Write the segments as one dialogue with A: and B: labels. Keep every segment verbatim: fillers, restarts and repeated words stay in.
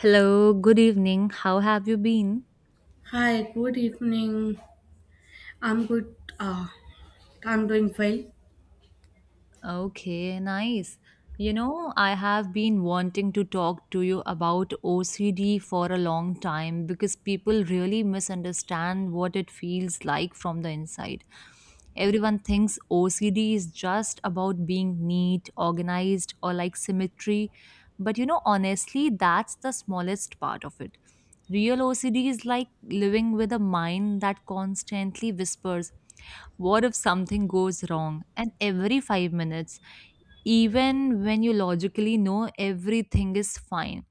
A: Hello, good evening. How have you been?
B: Hi, good evening. I'm good. Uh, I'm doing well.
A: Okay, nice. You know, I have been wanting to talk to you about O C D for a long time because people really misunderstand what it feels like from the inside. Everyone thinks O C D is just about being neat, organized, or like symmetry. But you know, honestly, that's the smallest part of it. Real O C D is like living with a mind that constantly whispers, "What if something goes wrong?" And every five minutes, even when you logically know everything is fine,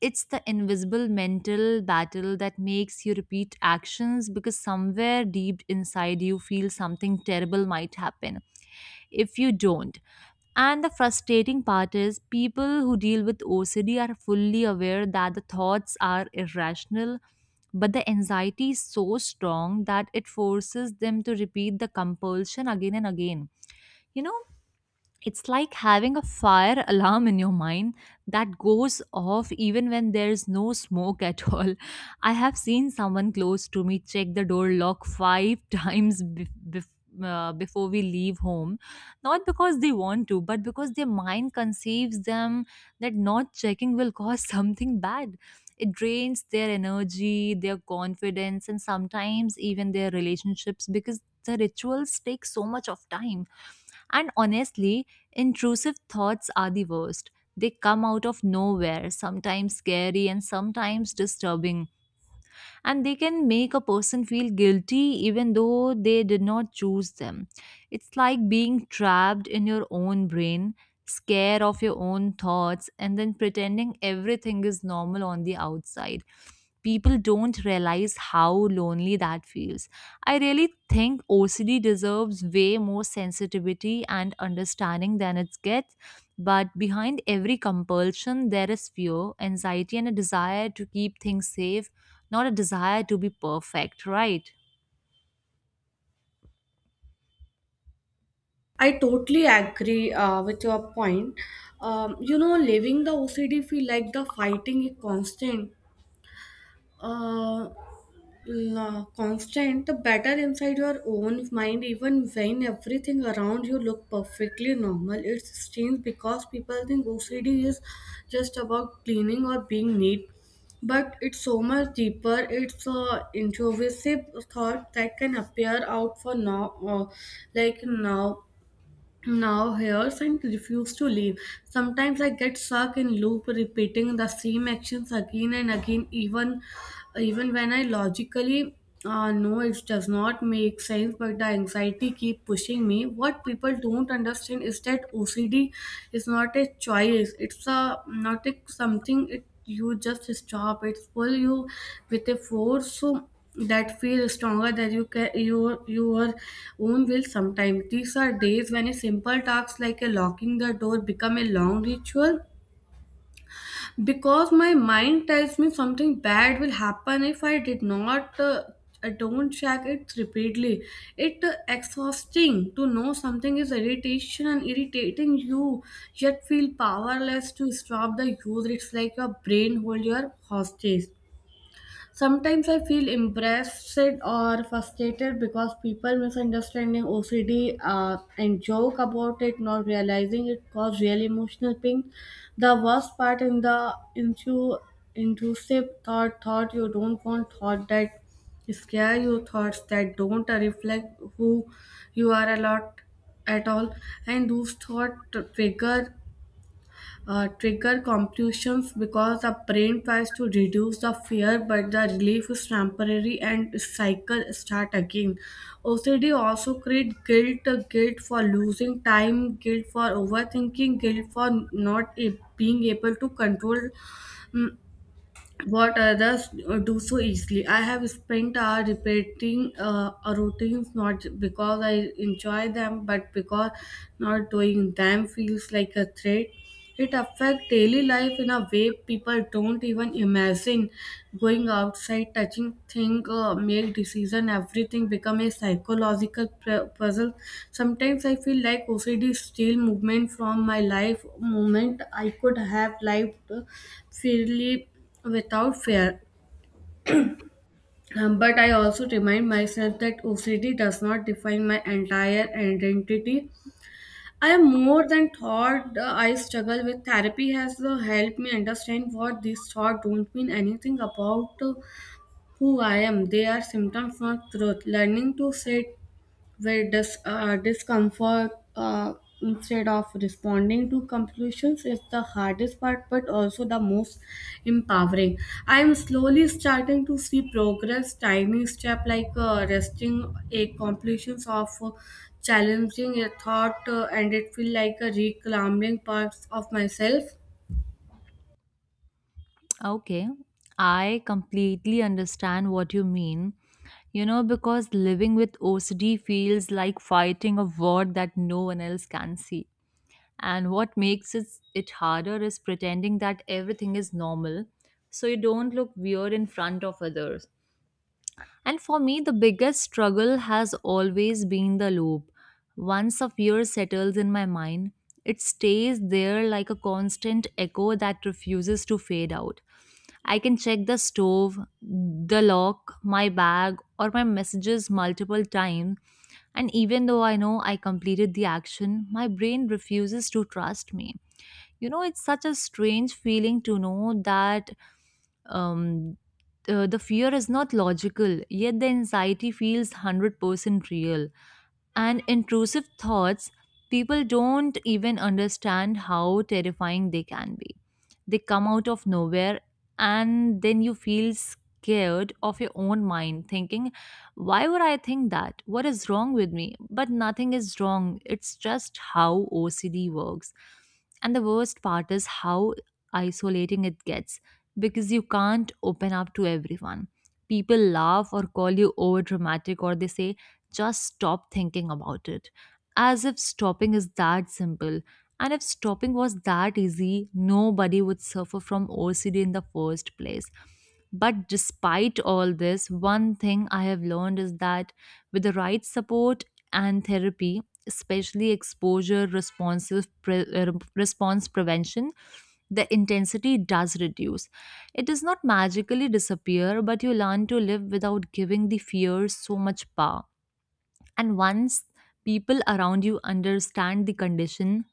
A: it's the invisible mental battle that makes you repeat actions because somewhere deep inside you feel something terrible might happen if you don't. And the frustrating part is people who deal with O C D are fully aware that the thoughts are irrational, but the anxiety is so strong that it forces them to repeat the compulsion again and again. You know, it's like having a fire alarm in your mind that goes off even when there's no smoke at all. I have seen someone close to me check the door lock five times bef- bef- uh, before we leave home. Not because they want to, but because their mind conceives them that not checking will cause something bad. It drains their energy, their confidence, and sometimes even their relationships because the rituals take so much of time, and honestly, intrusive thoughts are the worst. They come out of nowhere, sometimes scary and sometimes disturbing, and they can make a person feel guilty even though they did not choose them. It's like being trapped in your own brain, scared of your own thoughts, and then pretending everything is normal on the outside. People don't realize how lonely that feels. I really think O C D deserves way more sensitivity and understanding than it gets. But behind every compulsion, there is fear, anxiety, and a desire to keep things safe, not a desire to be perfect, right?
B: I totally agree uh, with your point. Um, you know, living the O C D feel like the fighting is constant uh, la- constant, the better inside your own mind, even when everything around you look perfectly normal. It's strange because people think O C D is just about cleaning or being neat, but it's so much deeper. It's a intrusive thought that can appear out for now, uh, like now. Now here's and refuse to leave. Sometimes I get stuck in loop repeating the same actions again and again, even even when I logically uh, know it does not make sense, but the anxiety keep pushing me. What people don't understand is that O C D is not a choice. It's a not a something it you just stop. It's pull you with a force. So that feel stronger than you can your your own will sometimes these are days when a simple task like a locking the door become a long ritual because my mind tells me something bad will happen if I did not uh, I don't check it repeatedly it uh, exhausting to know something is irritation and irritating you yet feel powerless to stop the use. It's like your brain hold your hostage. Sometimes I feel impressed or frustrated because people misunderstanding O C D, uh, and joke about it, not realizing it cause real emotional pain. The worst part in the into intrusive thought, thought you don't want, thought that scare you, thoughts that don't reflect who you are a lot at all, and those thought trigger uh, trigger compulsions because the brain tries to reduce the fear but the relief is temporary and cycle start again. OCD also create guilt, uh, guilt for losing time, guilt for overthinking, guilt for not a- being able to control mm, what others do so easily. I have spent hours repeating uh, routines not because I enjoy them, but because not doing them feels like a threat. It affects daily life in a way people don't even imagine. Going outside, touching things, uh, make decision, everything become a psychological pu- puzzle. Sometimes I feel like O C D steal movement from my life, moment I could have lived freely without fear. Um, But I also remind myself that O C D does not define my entire identity. I am more than thought uh, I struggle with. Therapy has uh, helped me understand what these thoughts don't mean anything about uh, who I am. They are symptoms, not truth. Learning to sit where dis- uh, discomfort uh, instead of responding to conclusions is the hardest part but also the most empowering. I am slowly starting to see progress, tiny step like uh, resting a completions of uh, challenging a thought, uh, and it feel like a reclaiming parts of myself.
A: Okay, I completely understand what you mean. You know, because living with O C D feels like fighting a war that no one else can see. And what makes it, it harder is pretending that everything is normal so you don't look weird in front of others. And for me, the biggest struggle has always been the loop. Once a fear settles in my mind, it stays there like a constant echo that refuses to fade out. I can check the stove, the lock, my bag, or my messages multiple times, and even though I know I completed the action, my brain refuses to trust me. You know, it's such a strange feeling to know that um, uh, the fear is not logical, yet the anxiety feels one hundred percent real. And intrusive thoughts, people don't even understand how terrifying they can be. They come out of nowhere, and then you feel scared of your own mind, thinking, "Why would I think that? What is wrong with me?" But nothing is wrong. It's just how O C D works. And the worst part is how isolating it gets because you can't open up to everyone. People laugh or call you over dramatic, or they say, "Just stop thinking about it." As if stopping is that simple. And if stopping was that easy, nobody would suffer from O C D in the first place. But despite all this, one thing I have learned is that with the right support and therapy, especially exposure responsive pre- uh, response prevention, the intensity does reduce. It does not magically disappear, but you learn to live without giving the fear so much power. And once people around you understand the condition,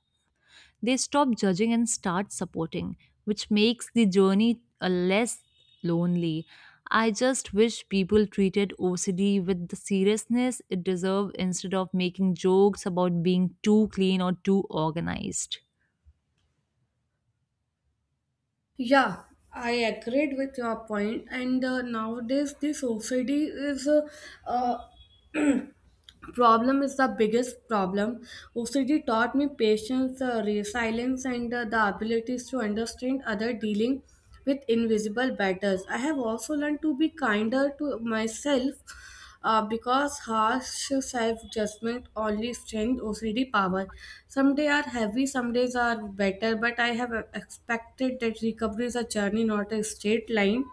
A: they stop judging and start supporting, which makes the journey uh, less lonely. I just wish people treated O C D with the seriousness it deserves instead of making jokes about being too clean or too organized.
B: Yeah, I agreed with your point. And uh, nowadays, the society is uh, uh, problem is the biggest problem. O C D taught me patience, uh, resilience, and uh, the abilities to understand other dealing with invisible battles. I have also learned to be kinder to myself uh, because harsh self-judgment only strengthens O C D power. Some days are heavy, some days are better, but I have expected that recovery is a journey, not a straight line.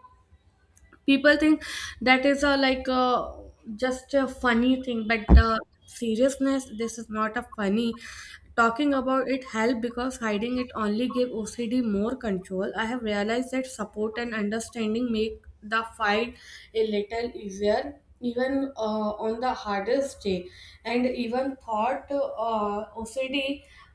B: People think that is a like a, just a funny thing but uh, seriousness this is not a funny. Talking about it help because hiding it only give OCD more control. I have realized that support and understanding make the fight a little easier, even uh, on the hardest day. And even thought uh, OCD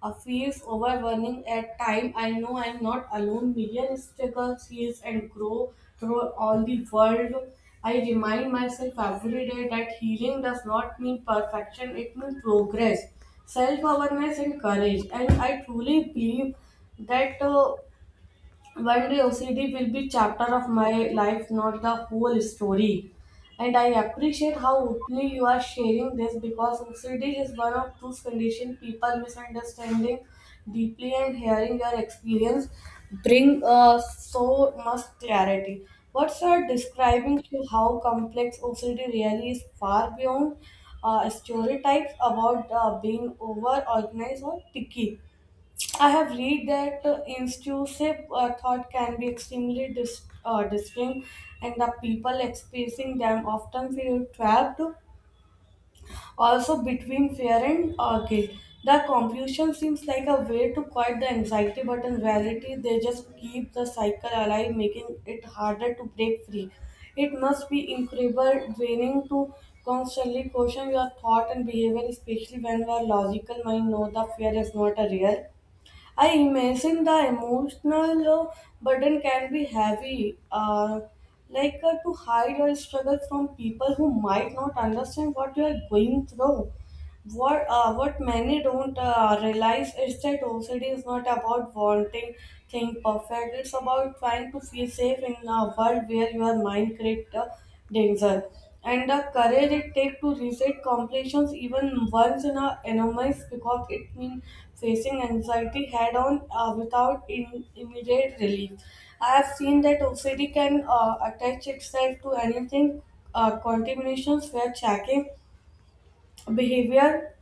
B: uh, feels overwhelming at time, I know I'm not alone, million struggles heals and grow through all the world. I remind myself every day that healing does not mean perfection, it means progress, self awareness, and courage. And I truly believe that. Uh, one day O C D will be chapter of my life, not the whole story. And I appreciate how openly you are sharing this because O C D is one of those conditions people misunderstanding deeply, and hearing your experience bring uh, so much clarity. What you are describing to how complex O C D really is far beyond uh, stereotypes about uh, being over organized or picky. I have read that uh, intrusive uh, thought can be extremely dis- uh, disturbing, and the people experiencing them often feel trapped, also between fear and uh, guilt. The confusion seems like a way to quiet the anxiety, but in reality, they just keep the cycle alive, making it harder to break free. It must be incredible draining to constantly question your thought and behavior, especially when your logical mind knows the fear is not a real. I imagine the emotional uh, burden can be heavy, uh, like uh, to hide your struggle from people who might not understand what you are going through. What uh, what many don't uh, realize is that O C D is not about wanting things perfect. It's about trying to feel safe in a world where your mind creates the danger. And the courage it takes to reset completions even once in a enormous because it means facing anxiety head on uh, without in- immediate relief. I have seen that O C D can uh, attach itself to anything, uh, contaminations where checking behavior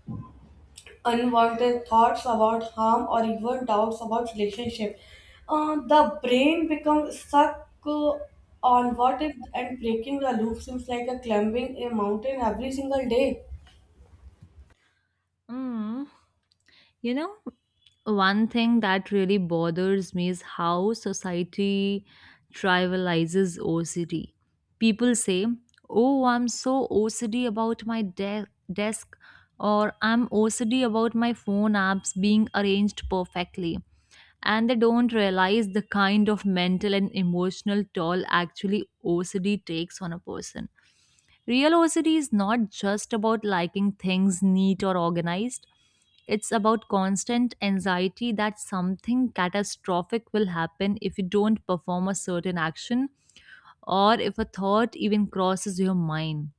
B: unwanted thoughts about harm or even doubts about relationship. Uh, the brain becomes stuck uh, on what if, and breaking the loop seems like a climbing a mountain every single day.
A: Mm. You know, one thing that really bothers me is how society trivializes O C D. People say, "Oh, I'm so O C D about my de- desk," or "I'm O C D about my phone apps being arranged perfectly." And they don't realize the kind of mental and emotional toll actually O C D takes on a person. Realosity is not just about liking things neat or organized. It's about constant anxiety that something catastrophic will happen if you don't perform a certain action or if a thought even crosses your mind.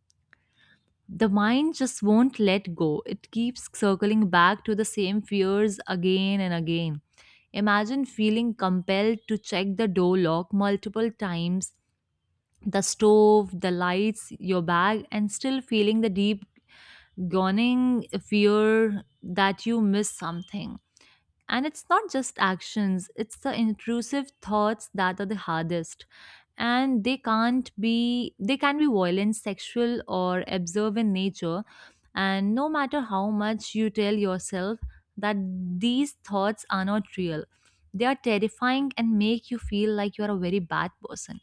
A: The mind just won't let go. It keeps circling back to the same fears again and again. Imagine feeling compelled to check the door lock multiple times, the stove, the lights, your bag, and still feeling the deep gawning fear that you miss something. And it's not just actions, it's the intrusive thoughts that are the hardest. And they can't be, they can be violent, sexual, or observe in nature. And no matter how much you tell yourself that these thoughts are not real, they are terrifying and make you feel like you are a very bad person.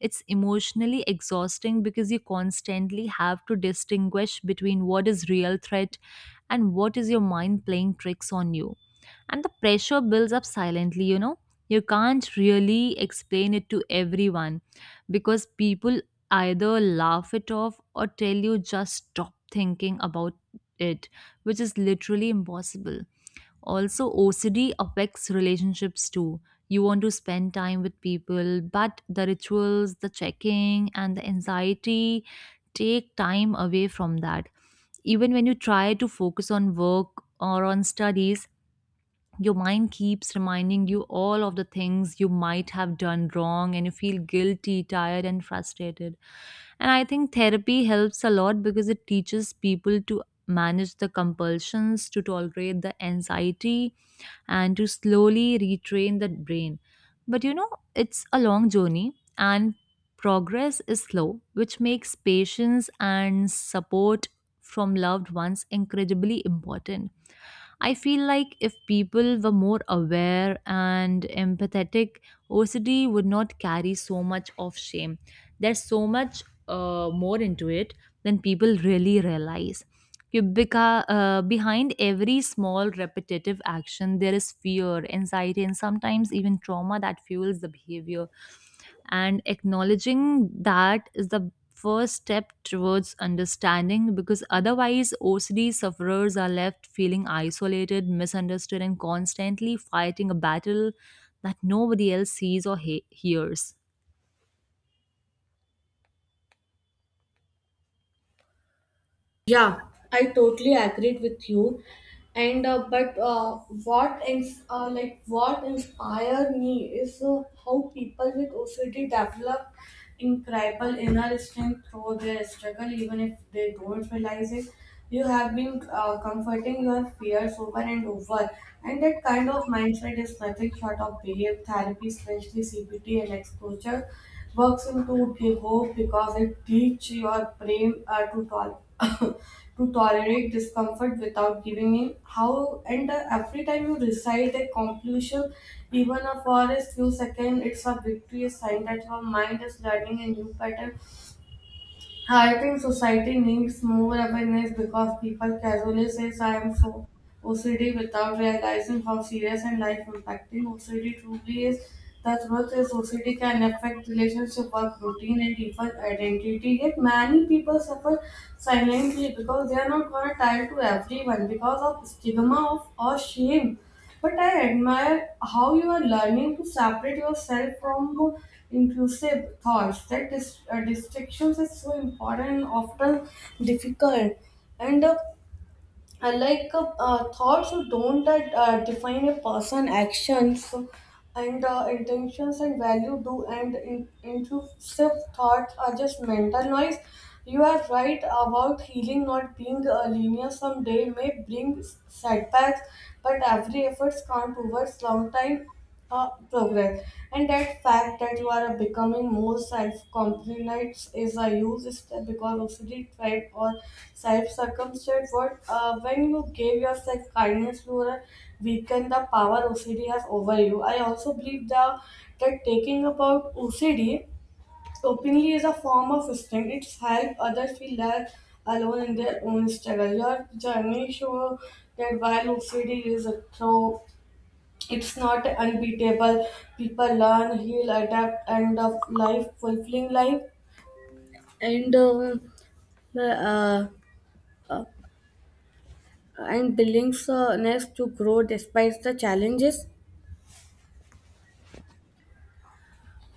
A: It's emotionally exhausting because you constantly have to distinguish between what is real threat and what is your mind playing tricks on you, and the pressure builds up silently. You know, you can't really explain it to everyone because people either laugh it off or tell you, "Just stop thinking about it," which is literally impossible. Also, OCD affects relationships too. You want to spend time with people, but the rituals, the checking, and the anxiety take time away from that. Even when you try to focus on work or on studies, your mind keeps reminding you all of the things you might have done wrong, and you feel guilty, tired, and frustrated. And I think therapy helps a lot because it teaches people to manage the compulsions, to tolerate the anxiety, and to slowly retrain the brain. But you know, it's a long journey, and progress is slow, which makes patience and support from loved ones incredibly important. I feel like if people were more aware and empathetic, O C D would not carry so much of shame. There's so much uh, more into it than people really realize. You beca- uh, behind every small repetitive action, there is fear, anxiety, and sometimes even trauma that fuels the behavior, and acknowledging that is the first step towards understanding, because otherwise O C D sufferers are left feeling isolated, misunderstood, and constantly fighting a battle that nobody else sees or he- hears.
B: Yeah, I totally agreed with you. And uh, but uh, what ins- uh, like what inspired me is uh, how people with O C D develop incredible inner strength through their struggle, even if they don't realize it. You have been uh, comforting your fears over and over, and that kind of mindset is nothing short of behavior therapy, especially C B T and exposure, works into give hope because it teaches your brain uh, to tol- to tolerate discomfort without giving in. How and uh, every time you recite a conclusion even a forest few seconds, it's a victory, a sign that her mind is learning a new pattern. I think society needs more awareness because people casually say, I am so O C D, without realizing how serious and life impacting O C D truly is. The truth is, O C D can affect relationship, work routine, and even identity. Yet, many people suffer silently because they are not gonna tell to everyone because of stigma of or shame. But I admire how you are learning to separate yourself from intrusive thoughts. That dis- uh, distractions is so important and often difficult. And uh, I like uh, uh, thoughts who don't that uh, define a person actions and uh, intentions and value do and in- intrusive thoughts are just mental noise. You are right about healing not being uh, linear. Some day may bring setbacks, but every effort can't over long time uh, progress. And that fact that you are becoming more self-confident is a huge step because O C D tribe or self-circumstance word, uh, when you give yourself kindness you are weaken the power O C D has over you. I also believe that that taking about O C D openly is a form of strength, it's help others feel less alone in their own struggle. Your journey show that while O C D is a throw, it's not unbeatable. People learn, heal, adapt, and of life, fulfilling life, and uh, uh, uh, and buildings uh, next to grow despite the challenges.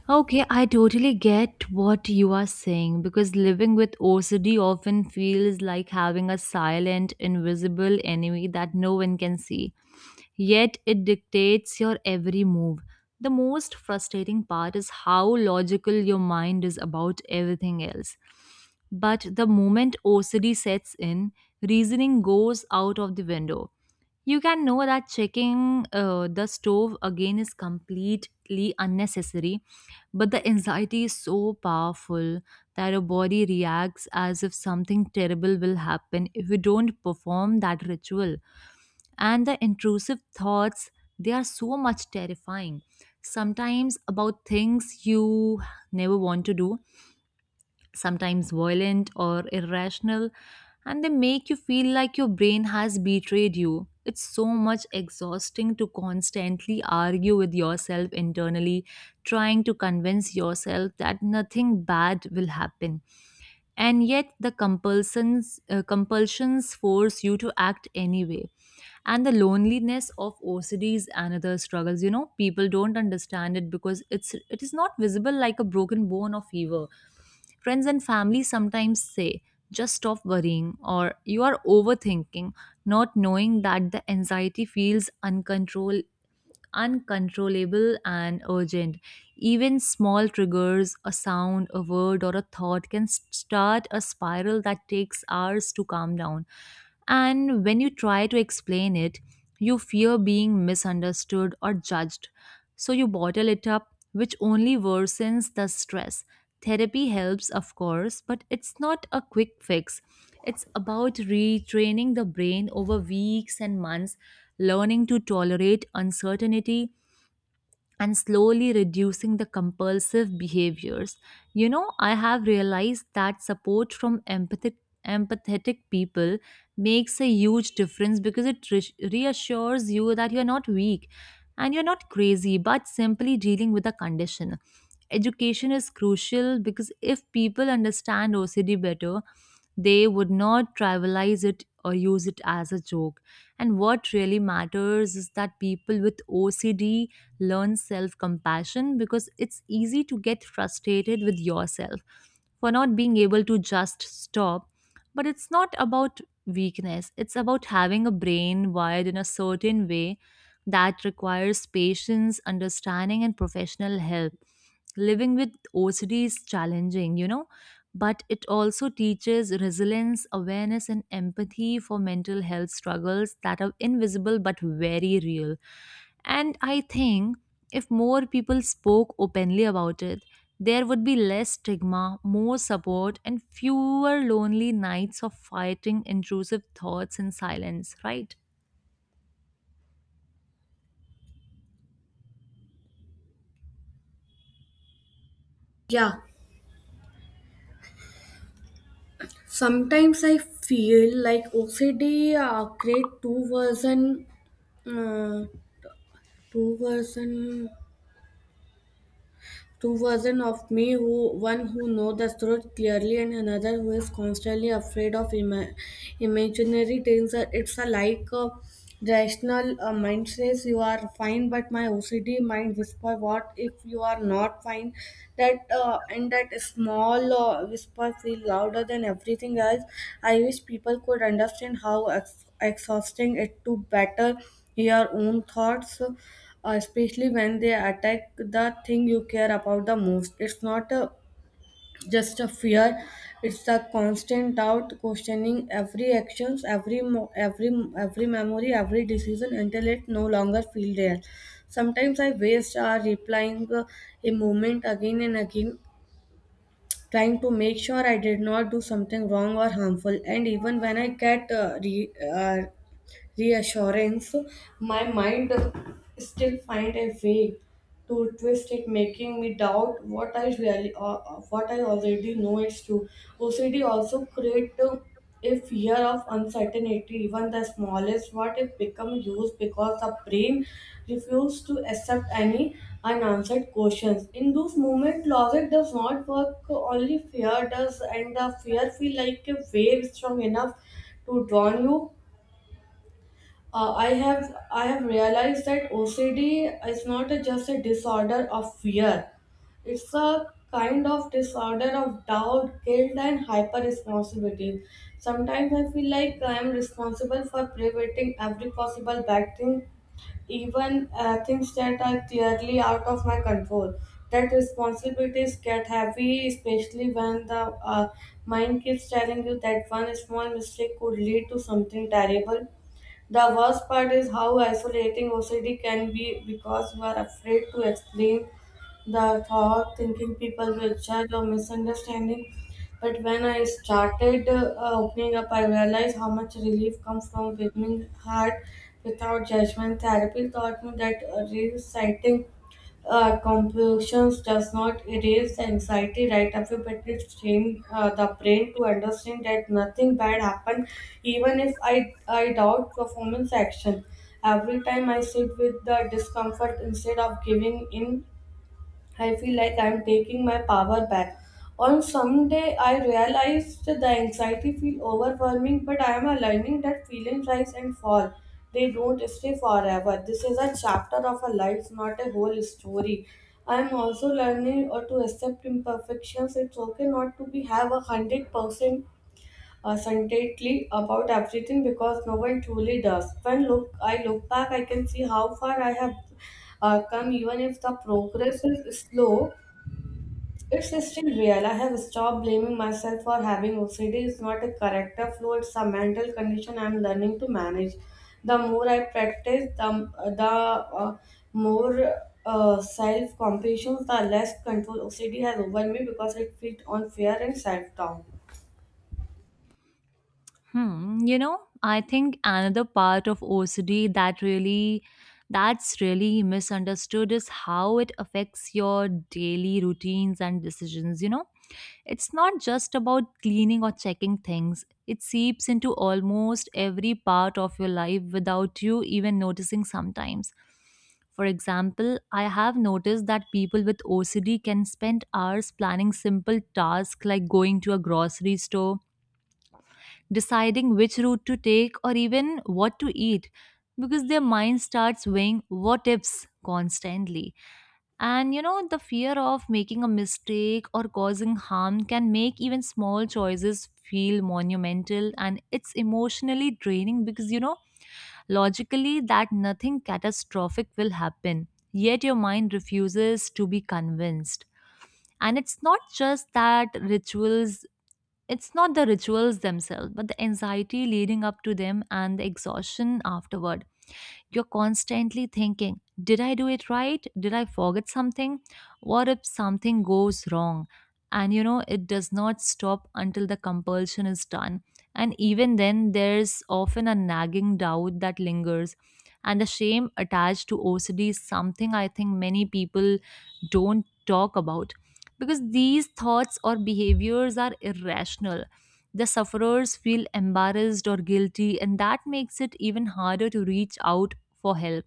A: Okay, I totally get what you are saying because living with O C D often feels like having a silent, invisible enemy that no one can see. Yet it dictates your every move. The most frustrating part is how logical your mind is about everything else. But the moment O C D sets in, reasoning goes out of the window. You can know that checking uh, the stove again is completely unnecessary, but the anxiety is so powerful that our body reacts as if something terrible will happen if we don't perform that ritual. And the intrusive thoughts, they are so much terrifying. Sometimes about things you never want to do, sometimes violent or irrational, and they make you feel like your brain has betrayed you. It's so much exhausting to constantly argue with yourself internally, trying to convince yourself that nothing bad will happen. And yet, the compulsions, uh, compulsions force you to act anyway. And the loneliness of O C D is another struggles, you know. People don't understand it because it's it is not visible like a broken bone or fever. Friends and family sometimes say, "Just stop worrying," or "You are overthinking," not knowing that the anxiety feels uncontrolled uncontrollable and urgent. Even small triggers, a sound, a word, or a thought can s- start a spiral that takes hours to calm down. And when you try to explain it, you fear being misunderstood or judged. So you bottle it up, which only worsens the stress. Therapy helps, of course, but it's not a quick fix. It's about retraining the brain over weeks and months, learning to tolerate uncertainty, and slowly reducing the compulsive behaviors. You know, I have realized that support from empathic, empathetic people makes a huge difference because it re- reassures you that you're not weak and you're not crazy, but simply dealing with a condition. Education is crucial because if people understand O C D better, they would not trivialize it or use it as a joke. And what really matters is that people with O C D learn self compassion, because it's easy to get frustrated with yourself for not being able to just stop. But it's not about weakness, it's about having a brain wired in a certain way that requires patience, understanding, and professional help. Living with O C D is challenging, you know, but it also teaches resilience, awareness, and empathy for mental health struggles that are invisible but very real. And I think if more people spoke openly about it, there would be less stigma, more support, and fewer lonely nights of fighting intrusive thoughts in silence, right?
B: Yeah, sometimes I feel like O C D uh, create two version, uh, two version Two versions of me, who one who knows the truth clearly and another who is constantly afraid of ima- imaginary danger. It's a like a rational uh, mind says you are fine, but my O C D mind whisper what if you are not fine. That uh, and that small uh, whisper feel louder than everything else. I wish people could understand how ex- exhausting it to better your own thoughts, uh, especially when they attack the thing you care about the most. It's not a, just a fear; it's a constant doubt, questioning every actions, every mo- every every memory, every decision until it no longer feels real. Sometimes I waste hour replying uh, a moment again and again, trying to make sure I did not do something wrong or harmful. And even when I get uh, re- uh, reassurance, my mind still find a way to twist it, making me doubt what I really uh, uh, what I already know is true. O C D also create uh, a fear of uncertainty, even the smallest what it become used because the brain refuses to accept any unanswered questions. In those moments, logic does not work, only fear does, and the fear feel like a wave strong enough to drown you. uh, I have I have realized that O C D is not a- just a disorder of fear. It's a kind of disorder of doubt, guilt, and hyper responsibility. Sometimes I feel like I am responsible for preventing every possible bad thing, even uh, things that are clearly out of my control. That responsibilities get heavy, especially when the uh, mind keeps telling you that one small mistake could lead to something terrible. The worst part is how isolating O C D can be because you are afraid to explain the thought, thinking people will judge or misunderstanding. But when I started uh, opening up, I realized how much relief comes from becoming hard without judgment. Therapy taught me that uh, reciting uh, compulsions does not erase anxiety right away, but it trains uh, the brain to understand that nothing bad happened, even if I, I doubt performance action. Every time I sit with the discomfort instead of giving in, I feel like I'm taking my power back. On some day, I realized that the anxiety feel overwhelming, but I am learning that feelings rise and fall. They don't stay forever. This is a chapter of a life, not a whole story. I am also learning or to accept imperfections. It's okay not to be have a hundred percent assuntedly about everything because no one truly does. When look I look back, I can see how far I have uh, come, even if the progress is slow. It's still real. I have stopped blaming myself for having O C D. It's not a character flaw; it's a mental condition I'm learning to manage. The more I practice, the the uh, more uh, self compassion, the less control O C D has over me because it feeds on fear and self doubt.
A: Hmm, you know, I think another part of O C D that really that's really misunderstood is how it affects your daily routines and decisions, you know. It's not just about cleaning or checking things. It seeps into almost every part of your life without you even noticing sometimes. For example, I have noticed that people with O C D can spend hours planning simple tasks like going to a grocery store, deciding which route to take or even what to eat, because their mind starts weighing what ifs constantly. And you know, the fear of making a mistake or causing harm can make even small choices feel monumental, and it's emotionally draining because you know, logically, that nothing catastrophic will happen. Yet your mind refuses to be convinced. And it's not just that rituals it's not the rituals themselves, but the anxiety leading up to them and the exhaustion afterward. You're constantly thinking, did I do it right? Did I forget something? What if something goes wrong? And you know, it does not stop until the compulsion is done. And even then, there's often a nagging doubt that lingers. And the shame attached to O C D is something I think many people don't talk about because these thoughts or behaviors are irrational. The sufferers feel embarrassed or guilty, and that makes it even harder to reach out for help.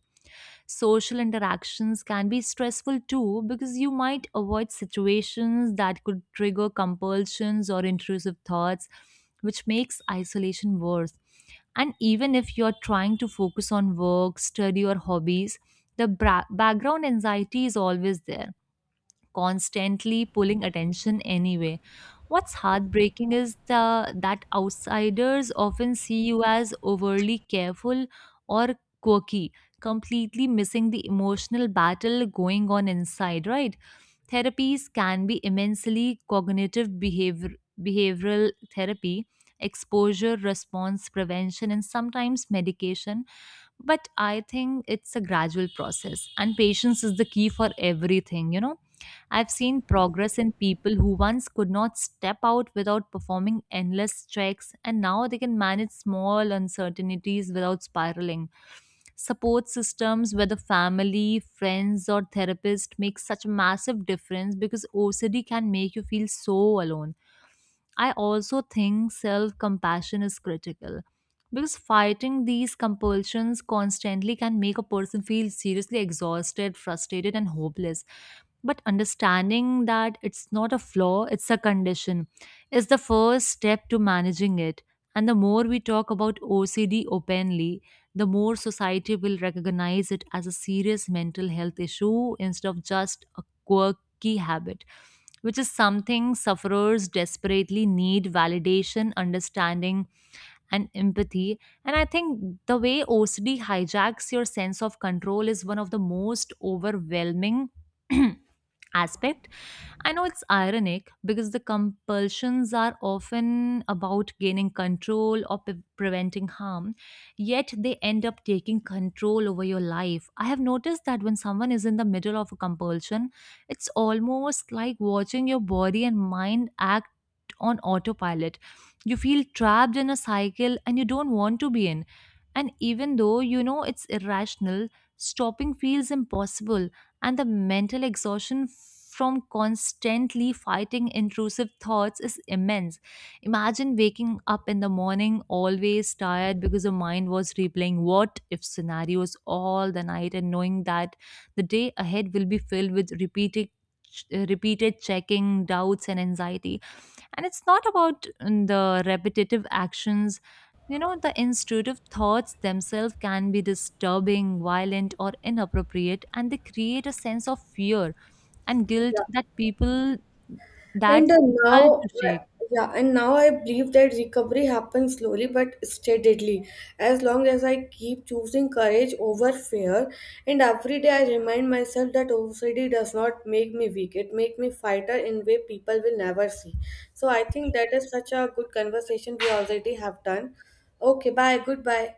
A: Social interactions can be stressful too, because you might avoid situations that could trigger compulsions or intrusive thoughts, which makes isolation worse. And even if you're trying to focus on work, study, or hobbies, the bra- background anxiety is always there, constantly pulling attention anyway. What's heartbreaking is the that outsiders often see you as overly careful or quirky, completely missing the emotional battle going on inside, right? Therapies can be immensely cognitive behavior behavioral therapy, exposure response prevention, and sometimes medication, but I think it's a gradual process and patience is the key for everything, you know. I've seen progress in people who once could not step out without performing endless checks, and now they can manage small uncertainties without spiraling. Support systems, whether family, friends, or therapist, make such a massive difference because O C D can make you feel so alone. I also think self compassion is critical because fighting these compulsions constantly can make a person feel seriously exhausted, frustrated, and hopeless. But understanding that it's not a flaw, it's a condition, is the first step to managing it. And the more we talk about O C D openly, the more society will recognize it as a serious mental health issue instead of just a quirky habit, which is something sufferers desperately need: validation, understanding, and empathy. And I think the way O C D hijacks your sense of control is one of the most overwhelming aspect. I know it's ironic because the compulsions are often about gaining control or pre- preventing harm, yet they end up taking control over your life. I have noticed that when someone is in the middle of a compulsion, it's almost like watching your body and mind act on autopilot. You feel trapped in a cycle and you don't want to be in. And even though you know it's irrational, stopping feels impossible, and the mental exhaustion from constantly fighting intrusive thoughts is immense. Imagine waking up in the morning always tired because your mind was replaying what if scenarios all the night, and knowing that the day ahead will be filled with repeated uh, repeated checking, doubts, and anxiety. And it's not about mm, the repetitive actions. You know, the intuitive thoughts themselves can be disturbing, violent, or inappropriate, and they create a sense of fear and guilt that people
B: And
A: that's
B: uh,
A: difficult to
B: now, I-
A: shake.
B: yeah, and now I believe that recovery happens slowly but steadily. As long as I keep choosing courage over fear, and every day I remind myself that O C D does not make me weak. It makes me fighter in way people will never see. So I think that is such a good conversation we already have done. Okay, bye. Goodbye.